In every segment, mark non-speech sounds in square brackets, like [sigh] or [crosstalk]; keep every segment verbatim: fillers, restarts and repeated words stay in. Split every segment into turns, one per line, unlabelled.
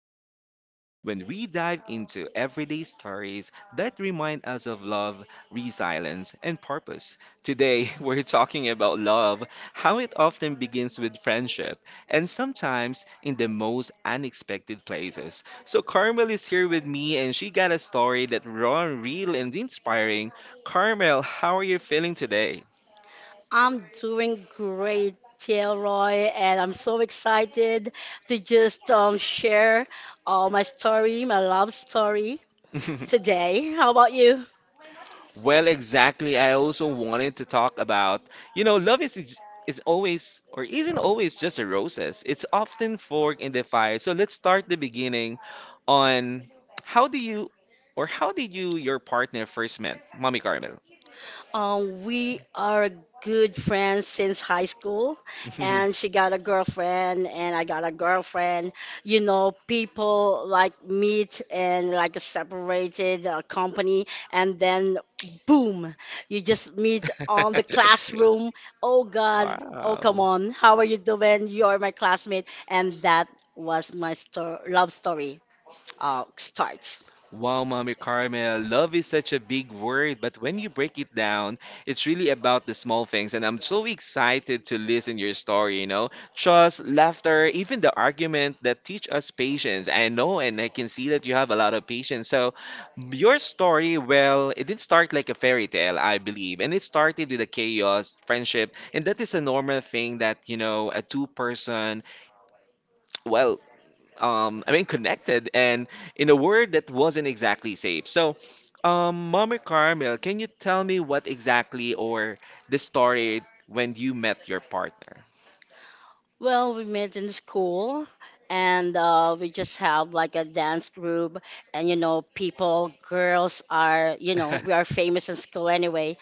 episode when we dive into everyday stories that remind us of love, resilience, and purpose. Today, [laughs] we're talking about love, how it often begins with friendship, and sometimes in the most unexpected places. So, Carmel is here with me, and she got a story that raw, real, and inspiring. Carmel, how are you feeling today?
I'm doing great, Roy, and I'm so excited to just um, share uh, my story, my love story today.
[laughs]
How about you?
Well, exactly. I also wanted to talk about, you know, love is ex- is always or isn't always just a roses. It's often fork in the fire. So let's start the beginning on how do you or how did you your partner first met, Mommy Carmel?
Uh, we are good friends since high school, and she got a
[laughs]
girlfriend, and I got a girlfriend. You know, people like meet and like a separated uh, company, and then boom, you just meet on the classroom. Oh God, oh come
Wow.
on, how are you doing? You're my classmate, and that was my sto- love story. Uh, starts.
Wow, Mommy Carmel, love is such a big word, but when you break it down, it's really about the small things. And I'm so excited to listen your story, you know. Trust, laughter, even the argument that teach us patience. I know and I can see that you have a lot of patience. So your story, well, it didn't start like a fairy tale, I believe. And it started with a chaos, friendship, and that is a normal thing that, you know, a two person well, um, I mean, connected and in a word that wasn't exactly safe. So, um, Mommy Carmel, can you tell me what exactly or the story when you met your partner?
Well, we met in school and uh, we just have like a dance group. And, you know, people, girls are, you know, we are
[laughs]
famous in school anyway.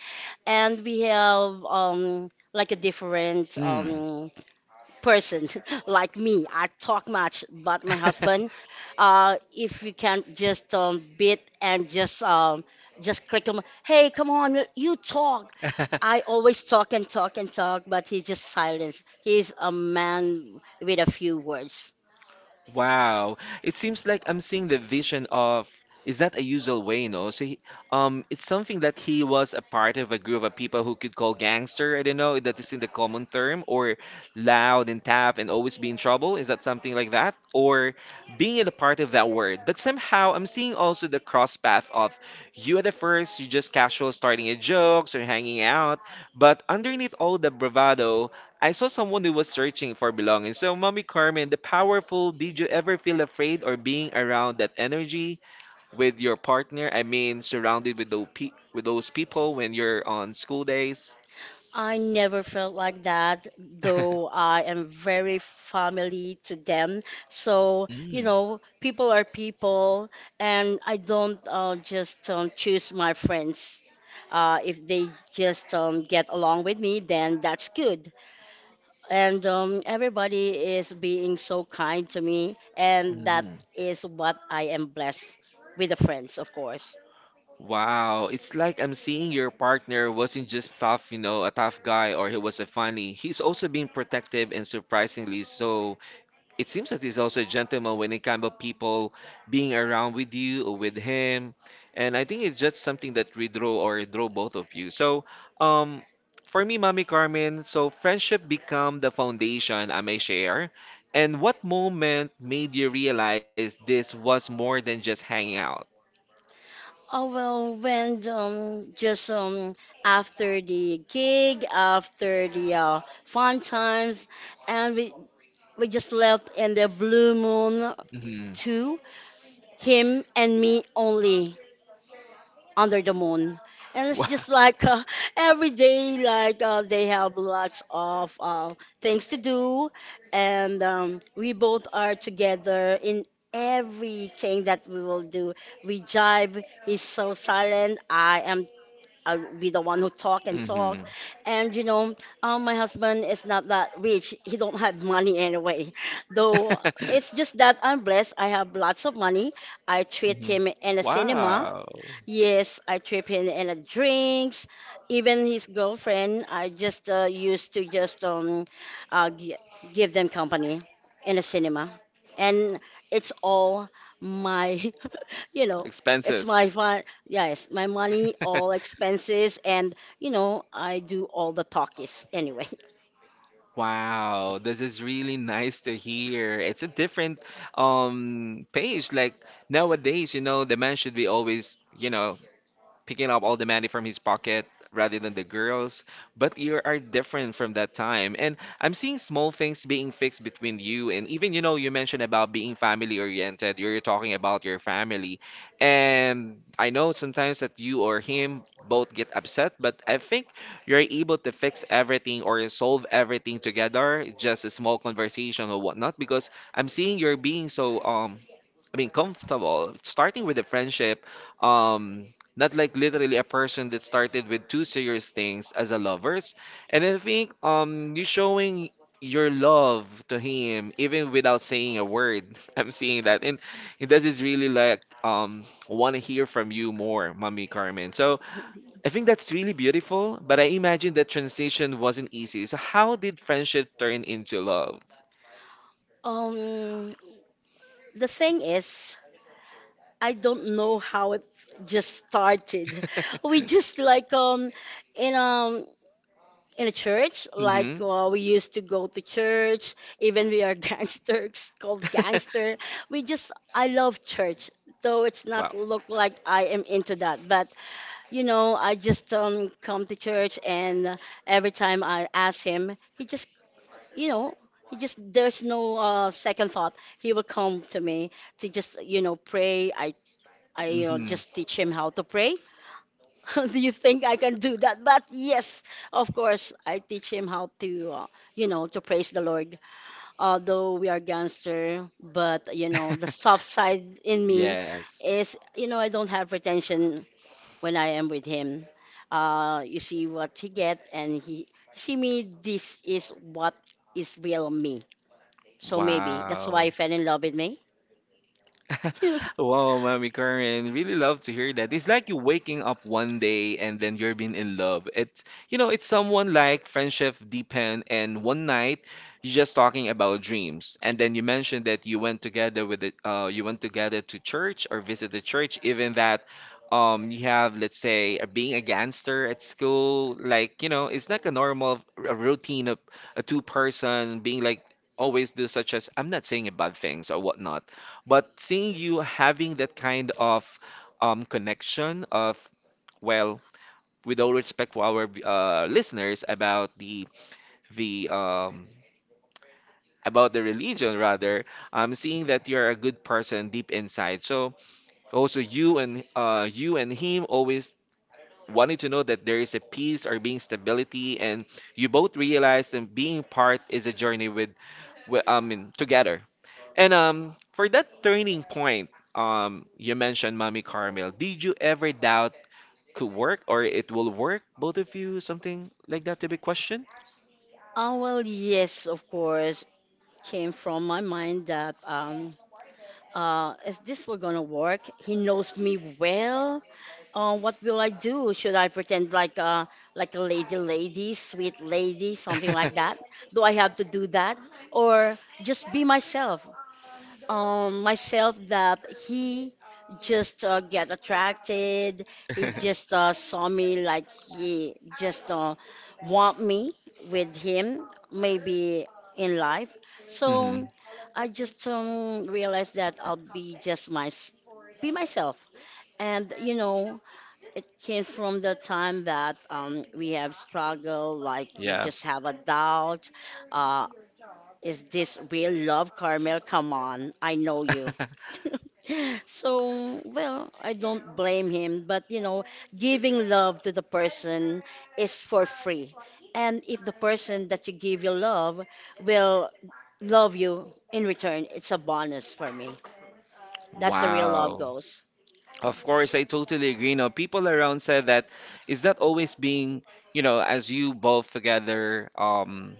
And we have um, like a different
Hmm.
um, person [laughs] like me. I talk much, but my husband, uh, if you can just um, beat and just um, just click him, hey, come on, you you talk. I always talk and talk and talk, but he just
[laughs]
silence. He's a man with a few words.
Wow. It seems like I'm seeing the vision of is that a usual way, no? So he, um it's something that he was a part of a group of people who could call gangster, I don't know, that is in the common term, or loud and tough and always be in trouble. Is that something like that? Or being in a part of that word. But somehow I'm seeing also the cross path of you at the first, you just casual starting a jokes or hanging out, but underneath all the bravado I saw someone who was searching for belonging. So, Mommy Carmen, the powerful, did you ever feel afraid or being around that energy with your partner? I mean, surrounded with those, pe- with those people when you're on school days?
I never felt like that, though I
[laughs]
am very family to them. So, you
Mm.
know, people are people, and I don't uh, just um, choose my friends. Uh, if they just um, get along with me, then that's good. And um, everybody is being so kind to me, and that
Mhm.
is what I am blessed with the friends, of course.
Wow, it's like I'm seeing your partner wasn't just tough, you know, a tough guy or he was a funny. He's also being protective and surprisingly so it seems that he's also a gentleman when it comes to people being around with you or with him. And I think it's just something that redraw or draw both of you. So, um, for me, Mommy Carmen, so friendship become the foundation I may share. And what moment made you realize this was more than just hanging out?
Oh well, when um just um after the gig, after the uh, fun times, and we we just left in the blue moon
Hmm.
too, him and me only under the moon, and it's
Wow.
just like [laughs] uh, every day like uh, they have lots of uh, things to do, and um, we both are together in everything that we will do. We jive. He's so silent. I am I'll be the one who talk and talk.
Hmm.
And you know, um, my husband is not that rich. He don't have money anyway. [laughs] Though it's
[laughs]
just that I'm blessed. I have lots of money. I treat
Mhm.
him in a cinema.
Wow.
Yes, I trip him in a drinks. Even his girlfriend, I just uh, used to just um, uh, gi- give them company in a cinema, and it's all my, [laughs] you know, it's
Expenses.
my fun. Yes, my money, all expenses, and you know, I do all the talkies anyway. [laughs]
Wow, this is really nice to hear. It's a different um pace. Like nowadays, you know, the man should be always, you know, picking up all the money from his pocket rather than the girls. But you are different from that time. And I'm seeing small things being fixed between you and even, you know, you mentioned about being family oriented. You're talking about your family. And I know sometimes that you or him both get upset, but I think you're able to fix everything or solve everything together, just a small conversation or whatnot, because I'm seeing you're being so um I mean, comfortable. Starting with a friendship, um, not like literally a person that started with two serious things as a lovers. And I think um, you showing your love to him even without saying a word. [laughs] I'm seeing that, and it does is really like um, want to hear from you more, Mommy Carmen. So I think that's really beautiful. But I imagine that transition wasn't easy. So how did friendship turn into love?
Um, the thing is, I don't know how it just started. [laughs] We
[laughs]
just like um, you know. In a church, like
Hmm.
uh, we used to go to church, even we are [laughs] gangsters called gangster.
[laughs]
We just I love church, though it's not
Wow.
look like I am into that. But you know, I just um come to church, and every time I ask him, he just you know. He just there's no uh, second thought. He will come to me to just you know pray. I I you know
Mhm.
just teach him how to pray. [laughs] Do you think I can do that? But yes, of course, I teach him how to, uh, you know, to praise the Lord. Although we are gangster, but you know, the soft
[laughs]
side in me
Yes.
is, you know, I don't have pretension when I am with him. Uh, you see what he get, and he see me. This is what is real me. So maybe that's
Wow.
why he fell in love with me. [laughs]
[laughs] Wow, Mommy Karen, really love to hear that. It's like you waking up one day and then you're being in love. It's you know, it's someone like friendship depend and one night you're just talking about dreams. And then you mentioned that you went together with the uh you went together to church or visit the church, even that um you have let's say uh, being a gangster at school, like you know, it's like a normal r- routine of a two person being like always do such as I'm not saying a bad things or whatnot but seeing you having that kind of um, connection of, well, with all respect for our uh, listeners about the the um, about the religion rather, I'm seeing that you're a good person deep inside. So also you and uh, you and him always wanted to know that there is a peace or being stability, and you both realize that being part is a journey with wi- I mean, together. And um, for that turning point, um, you mentioned Mommy Carmel. Did you ever doubt could work or it will work, both of you? Something like that to be questioned?
Oh, well, yes, of course, came from my mind that um, uh, is this will gonna work? He knows me well. Uh, what will I do? Should I pretend like a like a lady, lady, sweet lady, something like that?
[laughs]
Do I have to do that, or just be myself? Um myself, that he just uh, get attracted, he just uh, saw me like he just uh, want me with him maybe in life.
Mhm.
So I just um, realized that I'll be just my be myself. And you know it came from the time that um, we have struggled, like we
Yeah.
just have a doubt, uh, is this real love, Carmel? Come on, I know you.
[laughs]
[laughs] So, well, I don't blame him, but you know, giving love to the person is for free. And if the person that you give your love will love you in return, it's a bonus for me. That's the real love
Wow.
goes.
Of course, I totally agree. Now, people around said that is that always being, you know, as you both together um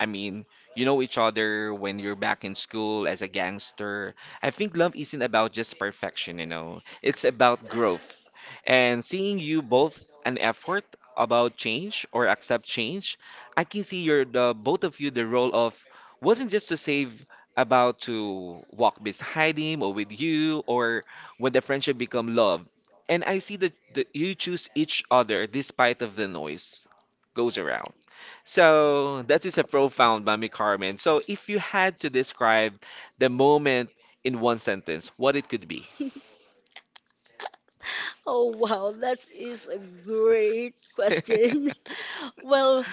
I mean, you know each other when you're back in school as a gangster. I think love isn't about just perfection, you know. It's about growth. And seeing you both an effort about change or accept change, I can see you're the both of you the role of wasn't just to save about to walk beside him or with you or when the friendship become love. And I see that, that you choose each other despite of the noise goes around. So that is a profound, Mami Carmen. So if you had to describe the moment in one sentence, what it could be?
Oh, wow, that is a great question. [laughs]
[laughs]
Well,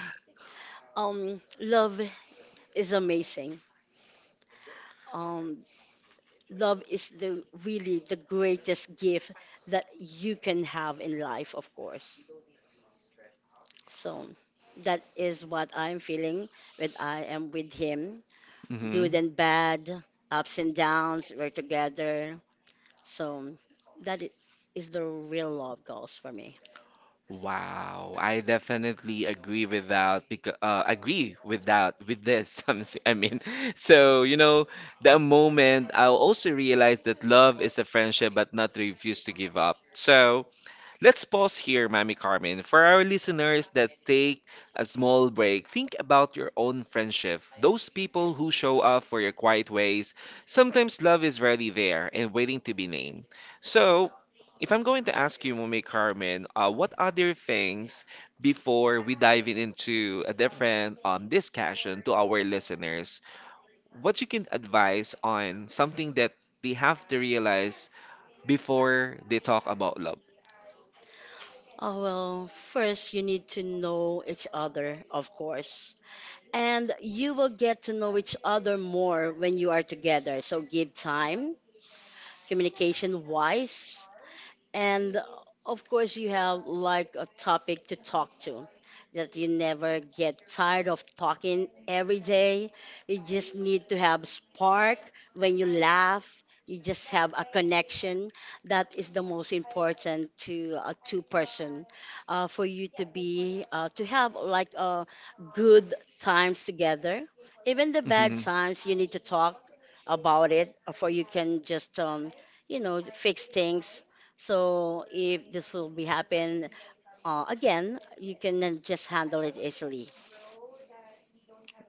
um, love is amazing. Um, love is the really the greatest gift that you can have in life, of course. So that is what I'm feeling when I am with him.
Mhm.
Good and bad, ups and downs, we're together. So that i- is the real love goals for me.
Wow, I definitely agree with that because uh, agree with that with this. [laughs] I'm s- I mean, so you know, the moment I also realized that love is a friendship, but not refuse to give up. So Let's pause here, Mami Carmen. For our listeners that take a small break, think about your own friendship. Those people who show up for your quiet ways. Sometimes love is already there and waiting to be named. So, if I'm going to ask you, Mami Carmen, uh, what other things before we dive in into a different um, discussion to our listeners, what you can advise on something that they have to realize before they talk about love?
Oh, well, first you need to know each other, of course. And you will get to know each other more when you are together. So give time, communication wise, and of course, you have like a topic to talk to that you never get tired of talking every day. You just need to have spark when you laugh. You just have a connection. That is the most important to a two person uh, for you to be uh, to have like uh, good times together. Even the bad
Mm-hmm.
times, you need to talk about it, uh, for you can just um, you know fix things, so if this will be happen uh, again, you can then just handle it easily.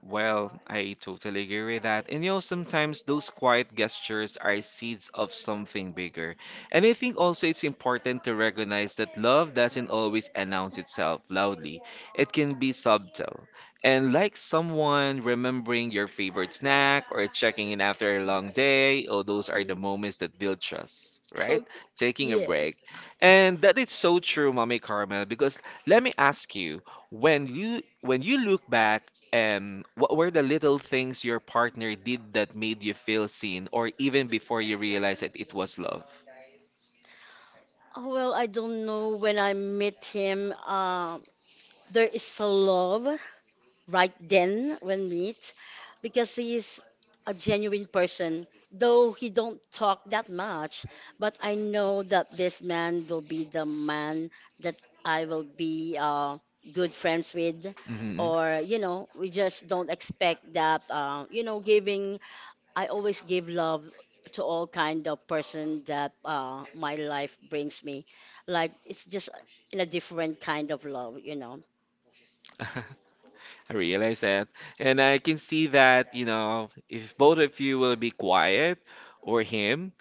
Well, I totally agree with that. And you know, sometimes those quiet gestures are seeds of something bigger. And I think also it's important to recognize that love doesn't always announce itself loudly, it can be subtle. And like someone remembering your favorite snack or checking in after a long day, oh, those are the
Mm.
moments
[laughs]
that build trust, right?
Okay.
Taking a
Yes.
break. And that is so true, Mommy Carmel, because let me ask you, when you when you look back um, what were the little things your partner did that made you feel seen, or even before you realized that it was love?
Oh, well, I don't know when I met him. Uh, there is a love right then when meet, because he is a genuine person, though he don't talk that much. But I know that this man will be the man that I will be uh, good friends with.
Hmm.
Or you know we just don't expect that uh, you know giving I always give love to all kind of person that uh, my life brings me, like it's just in a different kind of love you know
[laughs] I realize that. And I can see that, you know, if both of you will be quiet or him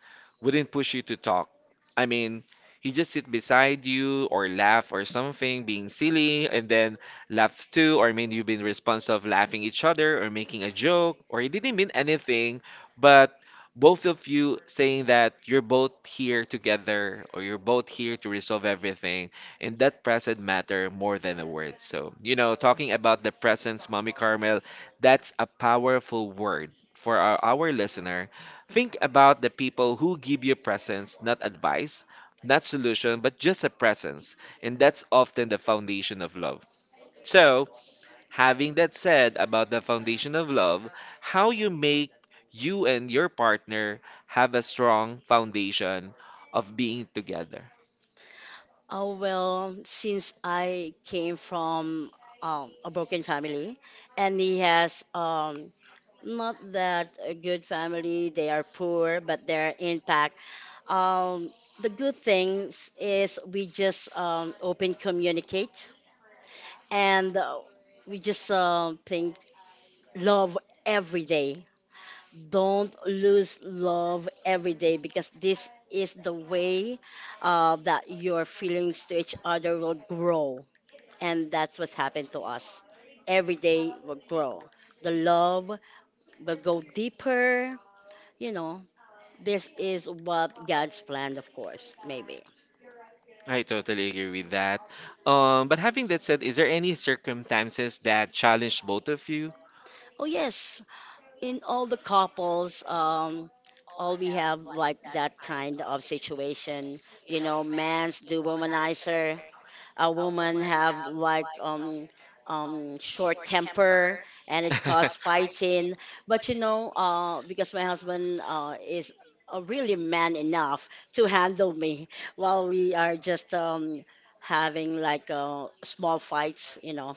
wouldn't push you to talk. I mean, he just sit beside you or laugh or something, being silly, and then laugh too, or I mean you've been responsive laughing each other or making a joke, or he didn't mean anything, but both of you saying that you're both here together or you're both here to resolve everything and that presence matter more than a word. So, you know, talking about the presence, Mommy Carmel, that's a powerful word for our, our listener. Think about the people who give you presence, not advice, not solution, but just a presence. And that's often the foundation of love. So, having that said about the foundation of love, how you make you and your partner have a strong foundation of being together.
Oh, well, since I came from um, a broken family, and he has um, not that a good family. They are poor, but their impact. Um, the good things is we just um, open communicate, and uh, we just um think love every day. Don't lose love every day, because this is the way uh, that your feelings to each other will grow, and that's what's happened to us. Every day will grow. The love will go deeper. You know, this is what God's planned, of course, maybe.
I totally agree with that. Um, but having that said, is there any circumstances that challenged both of you?
Oh, yes. In all the couples, um, all we have like that kind of situation. You know, man's do womanizer, a woman have like um um short temper, and it caused fighting. But you know uh because my husband uh is uh, really man enough to handle me. [laughs] While we are just um having like uh, small fights you know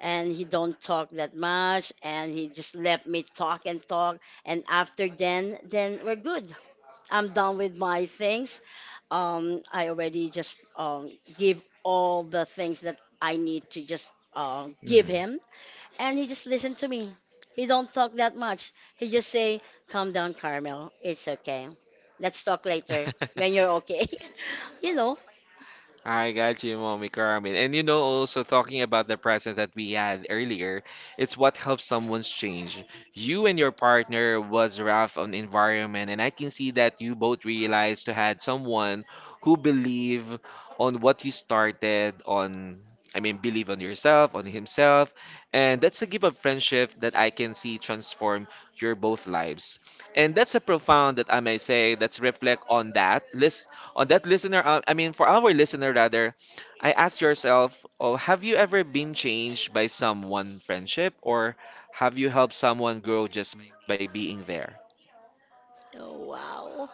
and he don't talk that much, and he just let me talk and talk, and after then then we're good. I'm done with my things. Um, I already just um, give all the things that I need to just uh,
[laughs]
give
Mhm.
him, and he just listened to me. He don't talk that much. He just say, "Calm down, Carmel. It's okay. Let's talk later when you're okay." [laughs] you know.
I got you, Mommy Carmen. And you know, also talking about the presence that we had earlier, it's what helps someone's change. You and your partner was rough on environment, and I can see that you both realized to had someone who believe on what you started on. I mean, believe on yourself, on himself, and that's a gift of friendship that I can see transform your both lives. And that's a profound that I may say. Let's reflect on that. Let's on that listener, uh, I mean, for our listener rather, I ask yourself, oh, have you ever been changed by someone friendship or have you helped someone grow just by being there?
Oh, wow,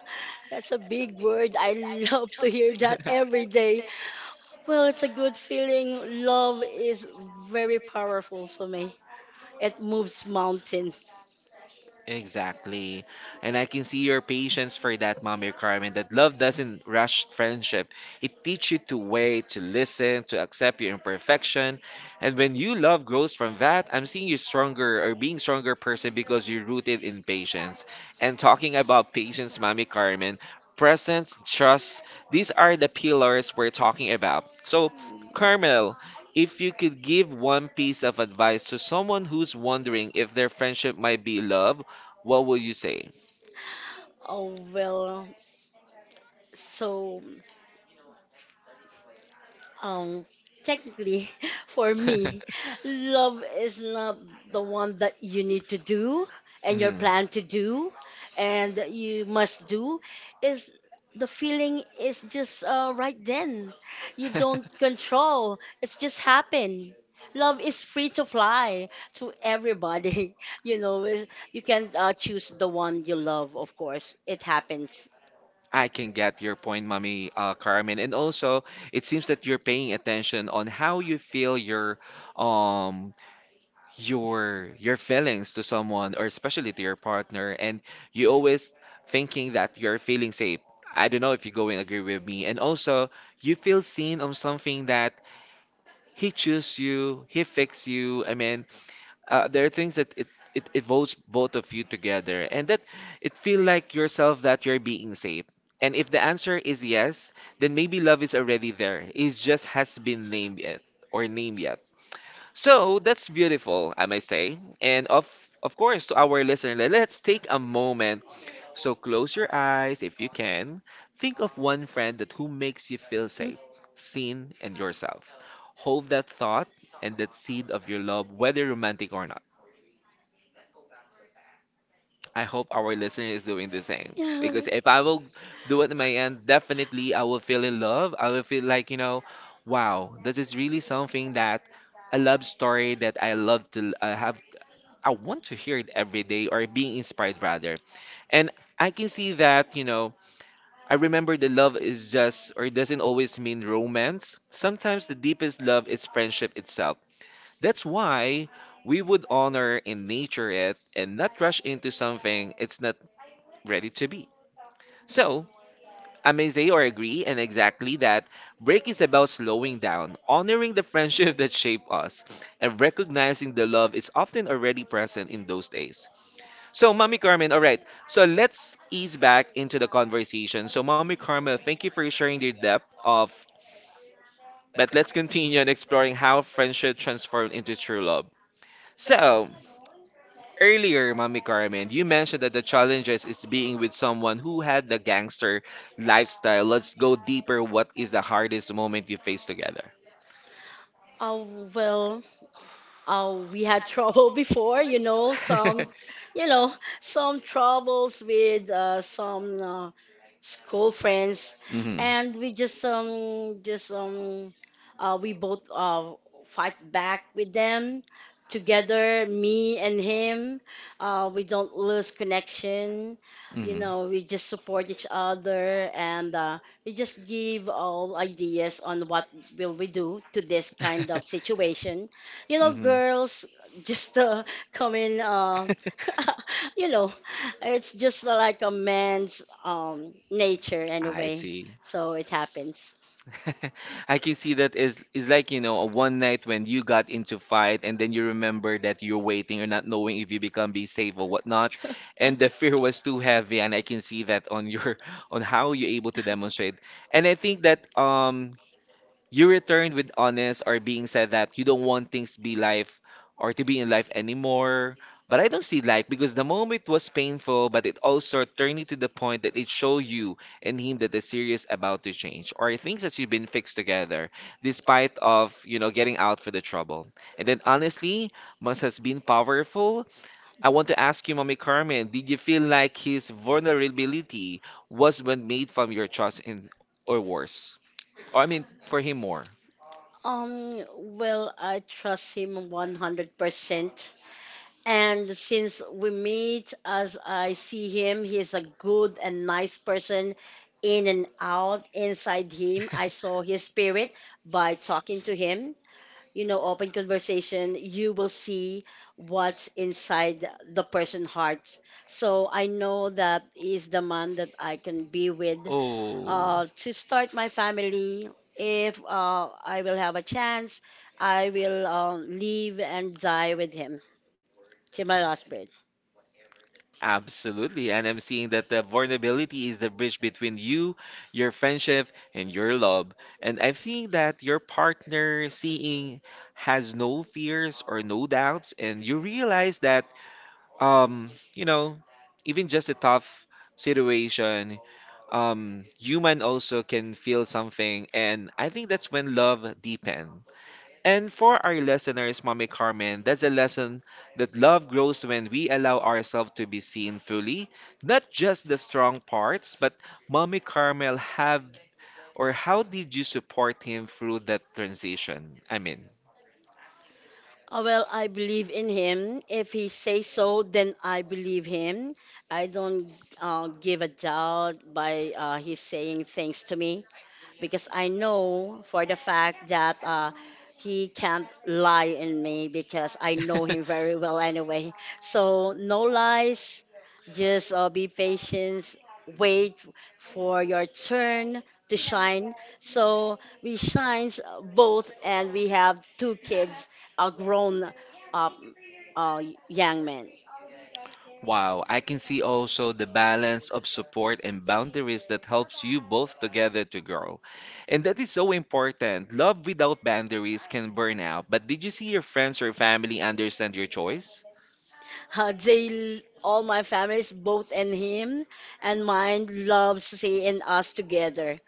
that's
That's
a
a big
big
word.
word.
I
I
love
love to
to hear
hear
that
that
[laughs] every
every
day.
day. Well, it's a good feeling. Love is very powerful for me. It moves mountain.
Exactly. And I can see your patience for that, Mommy Carmen, that love doesn't rush friendship. It teaches you to wait, to listen, to accept your imperfection. And when you love grows from that, I'm seeing you stronger or being stronger person because you're rooted in patience. And talking about patience, Mommy Carmen, presence, trust, these are the pillars we're talking about. So, Carmel, if you could give one piece of advice to someone who's wondering if their friendship might be love, what will you say?
Oh, well, so, um, technically, [laughs] for
[laughs]
me, love is not the one that you need to do and your
Mhm.
plan to do and that you must do. Is the feeling is just uh, right then. You don't control. It's just happen. Love is free to fly to everybody. [laughs] You know, it- you can uh, choose the one you love, of course. It happens.
I can get your point, Mommy uh, Carmen. And also, it seems that you're paying attention on how you feel your um your your feelings to someone or especially to your partner, and you always thinking that you're feeling safe. I don't know if you go and agree with me. And also, you feel seen on something that he choose you, he fix you. I mean, uh, there are things that it, it involves both of you together and that it feel like yourself that you're being safe, and if the answer is yes, then maybe love is already there, it just has been named yet or named yet. So that's beautiful, I might say. And of of course, to our listener, le- let's take a moment, so close your eyes if you can. Think of one friend that who makes you feel safe, seen and yourself. Hold that thought and that seed of your love, whether romantic or not. I hope our listener is doing the same.
Hmm?
Because if
[laughs]
I will do it in my end, definitely I will feel in love. I will feel like, you know, wow, this is really something that a love story that I love to uh, have. I want to hear it every day or being inspired rather. And I can see that, you know, I remember the love is just or doesn't always mean romance. Sometimes the deepest love is friendship itself. That's why we would honor and nature it and not rush into something it's not ready to be. So, I may say or agree, and exactly that break is about slowing down, honoring the friendship [laughs] that shaped us, and recognizing the love is often already present in those days. So, Mommy Carmen, all right, so let's ease back into the conversation. So, Mommy Carmen, thank you for sharing your depth of, but let's continue on exploring how friendship transformed into true love. So, earlier, Mommy Carmen, you mentioned that the challenges is being with someone who had the gangster lifestyle. Let's go deeper. What is the hardest moment you faced together?
Oh, well, uh, we had trouble [laughs] before, you know, some,
[laughs]
you know, some troubles with uh, some uh, school friends,
Hmm.
and we just um, just um, uh, we both uh, fight back with them together, me and him. Uh, we don't lose connection, you
Hmm.
know. We
[laughs]
just support each other, and uh, we just give all ideas on what will we do to this kind of situation, you know,
Mhm.
girls just uh, come in, uh, [laughs] you know, it's just like a man's um, nature
I
anyway.
see.
So it happens.
[laughs] I can see that is is like, you know, a one night when you got into fight and then you remember that you're waiting or not knowing if you become be safe or whatnot.
[laughs]
And the fear was too heavy and I can see that on your [laughs] on how you're able to demonstrate. And I think that um you returned with honest or being said that you don't want things to be life or to be in life anymore. But I don't see like because the moment was painful, but it also turned you to the point that it showed you and him that the series about to change or things that you've been fixed together, despite of you know getting out for the trouble. And then honestly, must has been powerful. I want to ask you, Mommy Carmen, did you feel like his vulnerability was what made from your trust in or worse? Or I mean, for him more.
Um, well, I trust him one hundred percent. And since we meet, as I see him, he's a good and nice person in and out. Inside him, I saw his spirit by talking to him. You know, open conversation, you will see what's inside the person's heart. So I know that is the man that I can be with
Oh,
uh, to start my family. If uh, I will have a chance, I will uh, live and die with him till my last breath.
absolutely. And I'm seeing that the vulnerability is the bridge between you, your friendship, and your love. And I think that your partner seeing has no fears or no doubts, and you realize that, um, you know, even just a tough situation, um, human also can feel something. And I think that's when love deepens. And for our listeners, Mommy Carmen, that's a lesson that love grows when we allow ourselves to be seen fully, not just the strong parts, but Mommy Carmel have or how did you support him through that transition? I mean.
Uh, well, I believe in him. If he says so, then I believe him. I don't uh, give a doubt by uh, his saying things to me, because I know for the fact that uh, he can't lie in me, because I know him
[laughs]
very well anyway. So no lies, just uh, be patient, wait for your turn to shine. So we shines both, and we have two kids, a grown up uh, young man.
Wow, I can see also the balance of support and boundaries that helps you both together to grow. And that is so important. Love without boundaries can burn out. But did you see your friends or family understand your choice?
Uh, they, all my families, both and him and mine, loves seeing us together.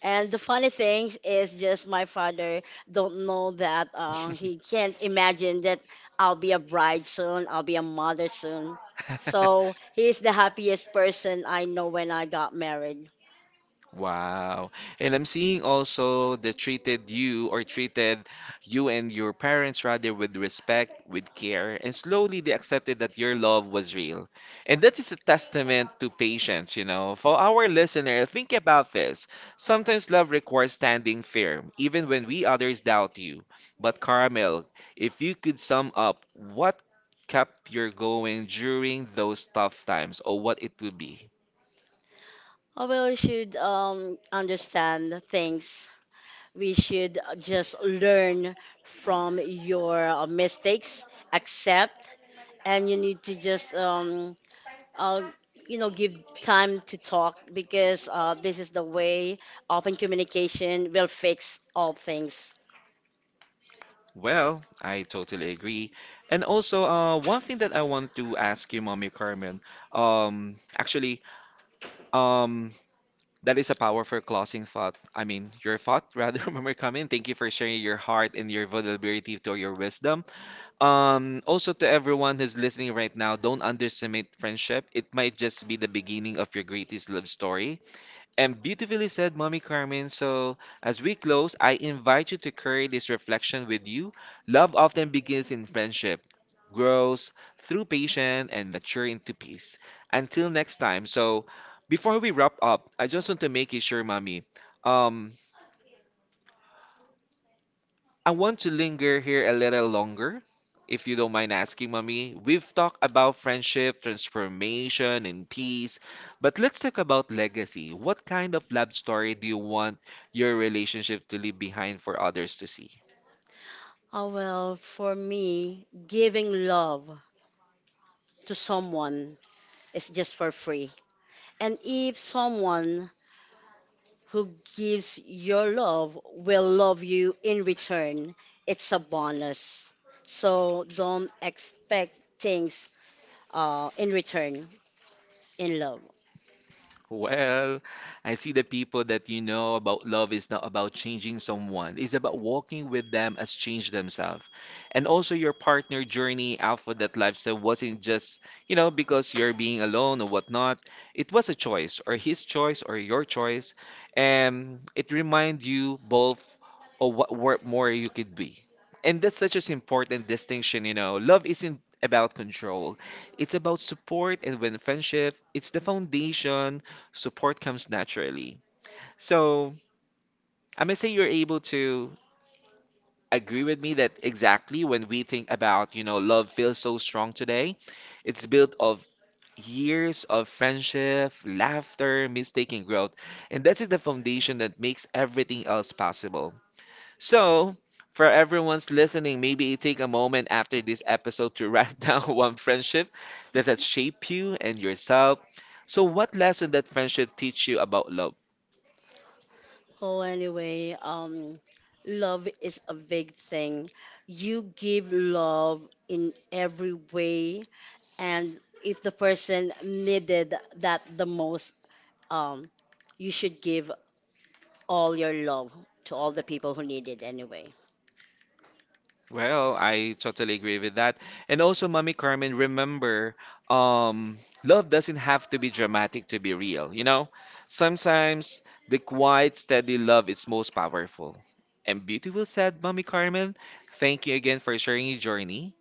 And the funny thing is just my father don't know that um, he can't imagine that I'll be a bride soon, I'll be a mother soon.
[laughs]
So he's the happiest person I know when I got married.
Wow. And I'm seeing also they treated you or treated you and your parents rather with respect, with care, and slowly they accepted that your love was real. And that is a testament to patience, you know. For our listener, think about this. Sometimes love requires standing firm, even when we others doubt you. But Carmel, if you could sum up what kept you going during those tough times, or what it would be?
Oh, well, we should um, understand things. We should just learn from your uh, mistakes, accept, and you need to just um, uh, you know, give time to talk, because uh, this is the way open communication will fix all things.
Well, I totally agree. And also, uh, one thing that I want to ask you, Mommy Carmen, um, actually, um, that is a powerful closing thought. I mean, your thought, [laughs] rather, Mommy Carmen. Thank you for sharing your heart and your vulnerability to your wisdom. Um, also to everyone who's listening right now, don't underestimate friendship. It might just be the beginning of your greatest love story. And beautifully said, Mommy Carmen. So, as we close, I invite you to carry this reflection with you. Love often begins in friendship, grows through patience, and mature into peace. Until next time. So, before we wrap up, I just want to make you sure, Mommy. Um, I want to linger here a little longer, if you don't mind asking, mommy. We've talked about friendship, transformation, and peace, but let's talk about legacy. What kind of love story do you want your relationship to leave behind for others to see?
Oh, well, for me, giving love to someone is just for free. And if someone who gives your love will love you in return, it's a bonus. So don't expect things uh, in return in love.
Well, I see the people that you know about love is not about changing someone. It's about walking with them as change themselves. And also your partner journey out for that lifestyle wasn't just, you know, because you're being alone or whatnot. It was a choice or his choice or your choice. And it reminds you both of what, what more you could be. And that's such an important distinction, you know. Love isn't about control. It's about support and when friendship, it's the foundation support comes naturally. So I'm gonna say you're able to agree with me that exactly when we think about, you know, love feels so strong today, it's built of years of friendship, laughter, mistake, and growth. And that is the foundation that makes everything else possible. So for everyone's listening, maybe take a moment after this episode to write [laughs] down one friendship that has shaped you and yourself. So what lesson that friendship teach you about love?
Well, anyway, um, love is a big thing. You give love in every way, and if the person needed that the most, um, you should give all your love to all the people who need it anyway.
Well, I totally agree with that. And also, Mommy Carmen, remember, um, love doesn't have to be dramatic to be real, you know? Sometimes the quiet, steady love is most powerful. And beautiful said, Mommy Carmen. Thank you again for sharing your journey.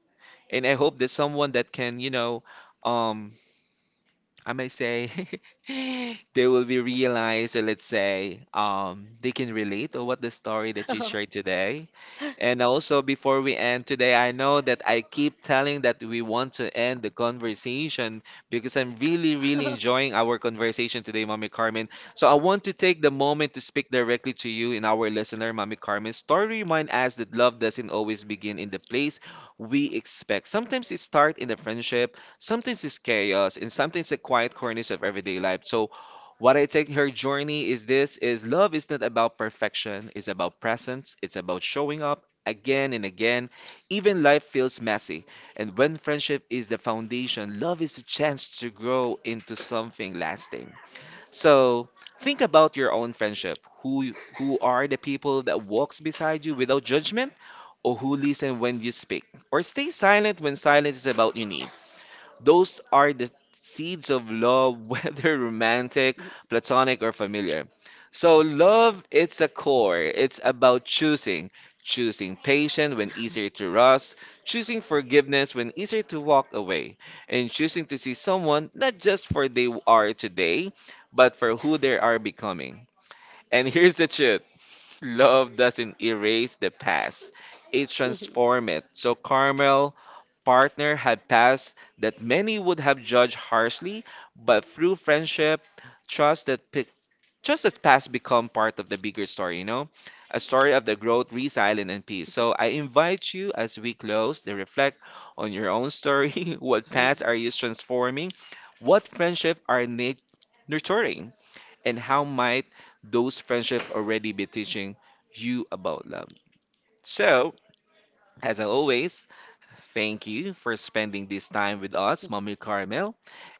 And I hope that someone that can, you know, um, I may say [laughs] they will be realized, or let's say um, they can relate to what the story that you shared today. And also, before we end today, I know that I keep telling that we want to end the conversation because I'm really, really enjoying our conversation today, Mommy Carmen. So I want to take the moment to speak directly to you and our listener, Mommy Carmen. Story remind us that love doesn't always begin in the place we expect. Sometimes it starts in the friendship. Sometimes it's chaos and sometimes the quiet corners of everyday life. So what I take her journey is this is love is not about perfection, it's about presence, it's about showing up again and again. Even life feels messy. And when friendship is the foundation, love is a chance to grow into something lasting. So think about your own friendship. Who you- who are the people that walks beside you without judgment? Or who listen when you speak? Or stay silent when silence is about you, those are the seeds of love, [laughs] whether romantic, platonic, or familiar. So, love, it's a core. It's about choosing. Choosing patience when easier to rust, choosing forgiveness when easier to walk away, and choosing to see someone not just for they are today, but for who they are becoming. And [laughs] here's the truth. Love doesn't erase the past, it transforms it. So Carmel partner had past that many would have judged harshly, but through friendship, trust that pic- just as past become part of the bigger story, you know? A story of the growth, resilience, and peace. So I invite you as we close to reflect on your own story. [laughs] What past are you transforming? What friendship are you nurturing? And how might those friendships already be teaching you about love? So, as always, thank you for spending this time with us, Mommy Carmel,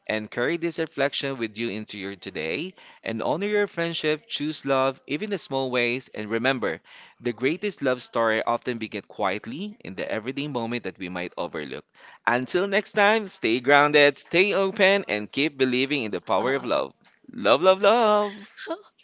and carry this reflection with you into your today. And honor your friendship, choose love, even the small ways, and remember, the greatest love story often begins quietly in the everyday moment that we might overlook. Until next time, stay grounded, stay open, and keep believing in the power of love. Love, love, love.
[laughs]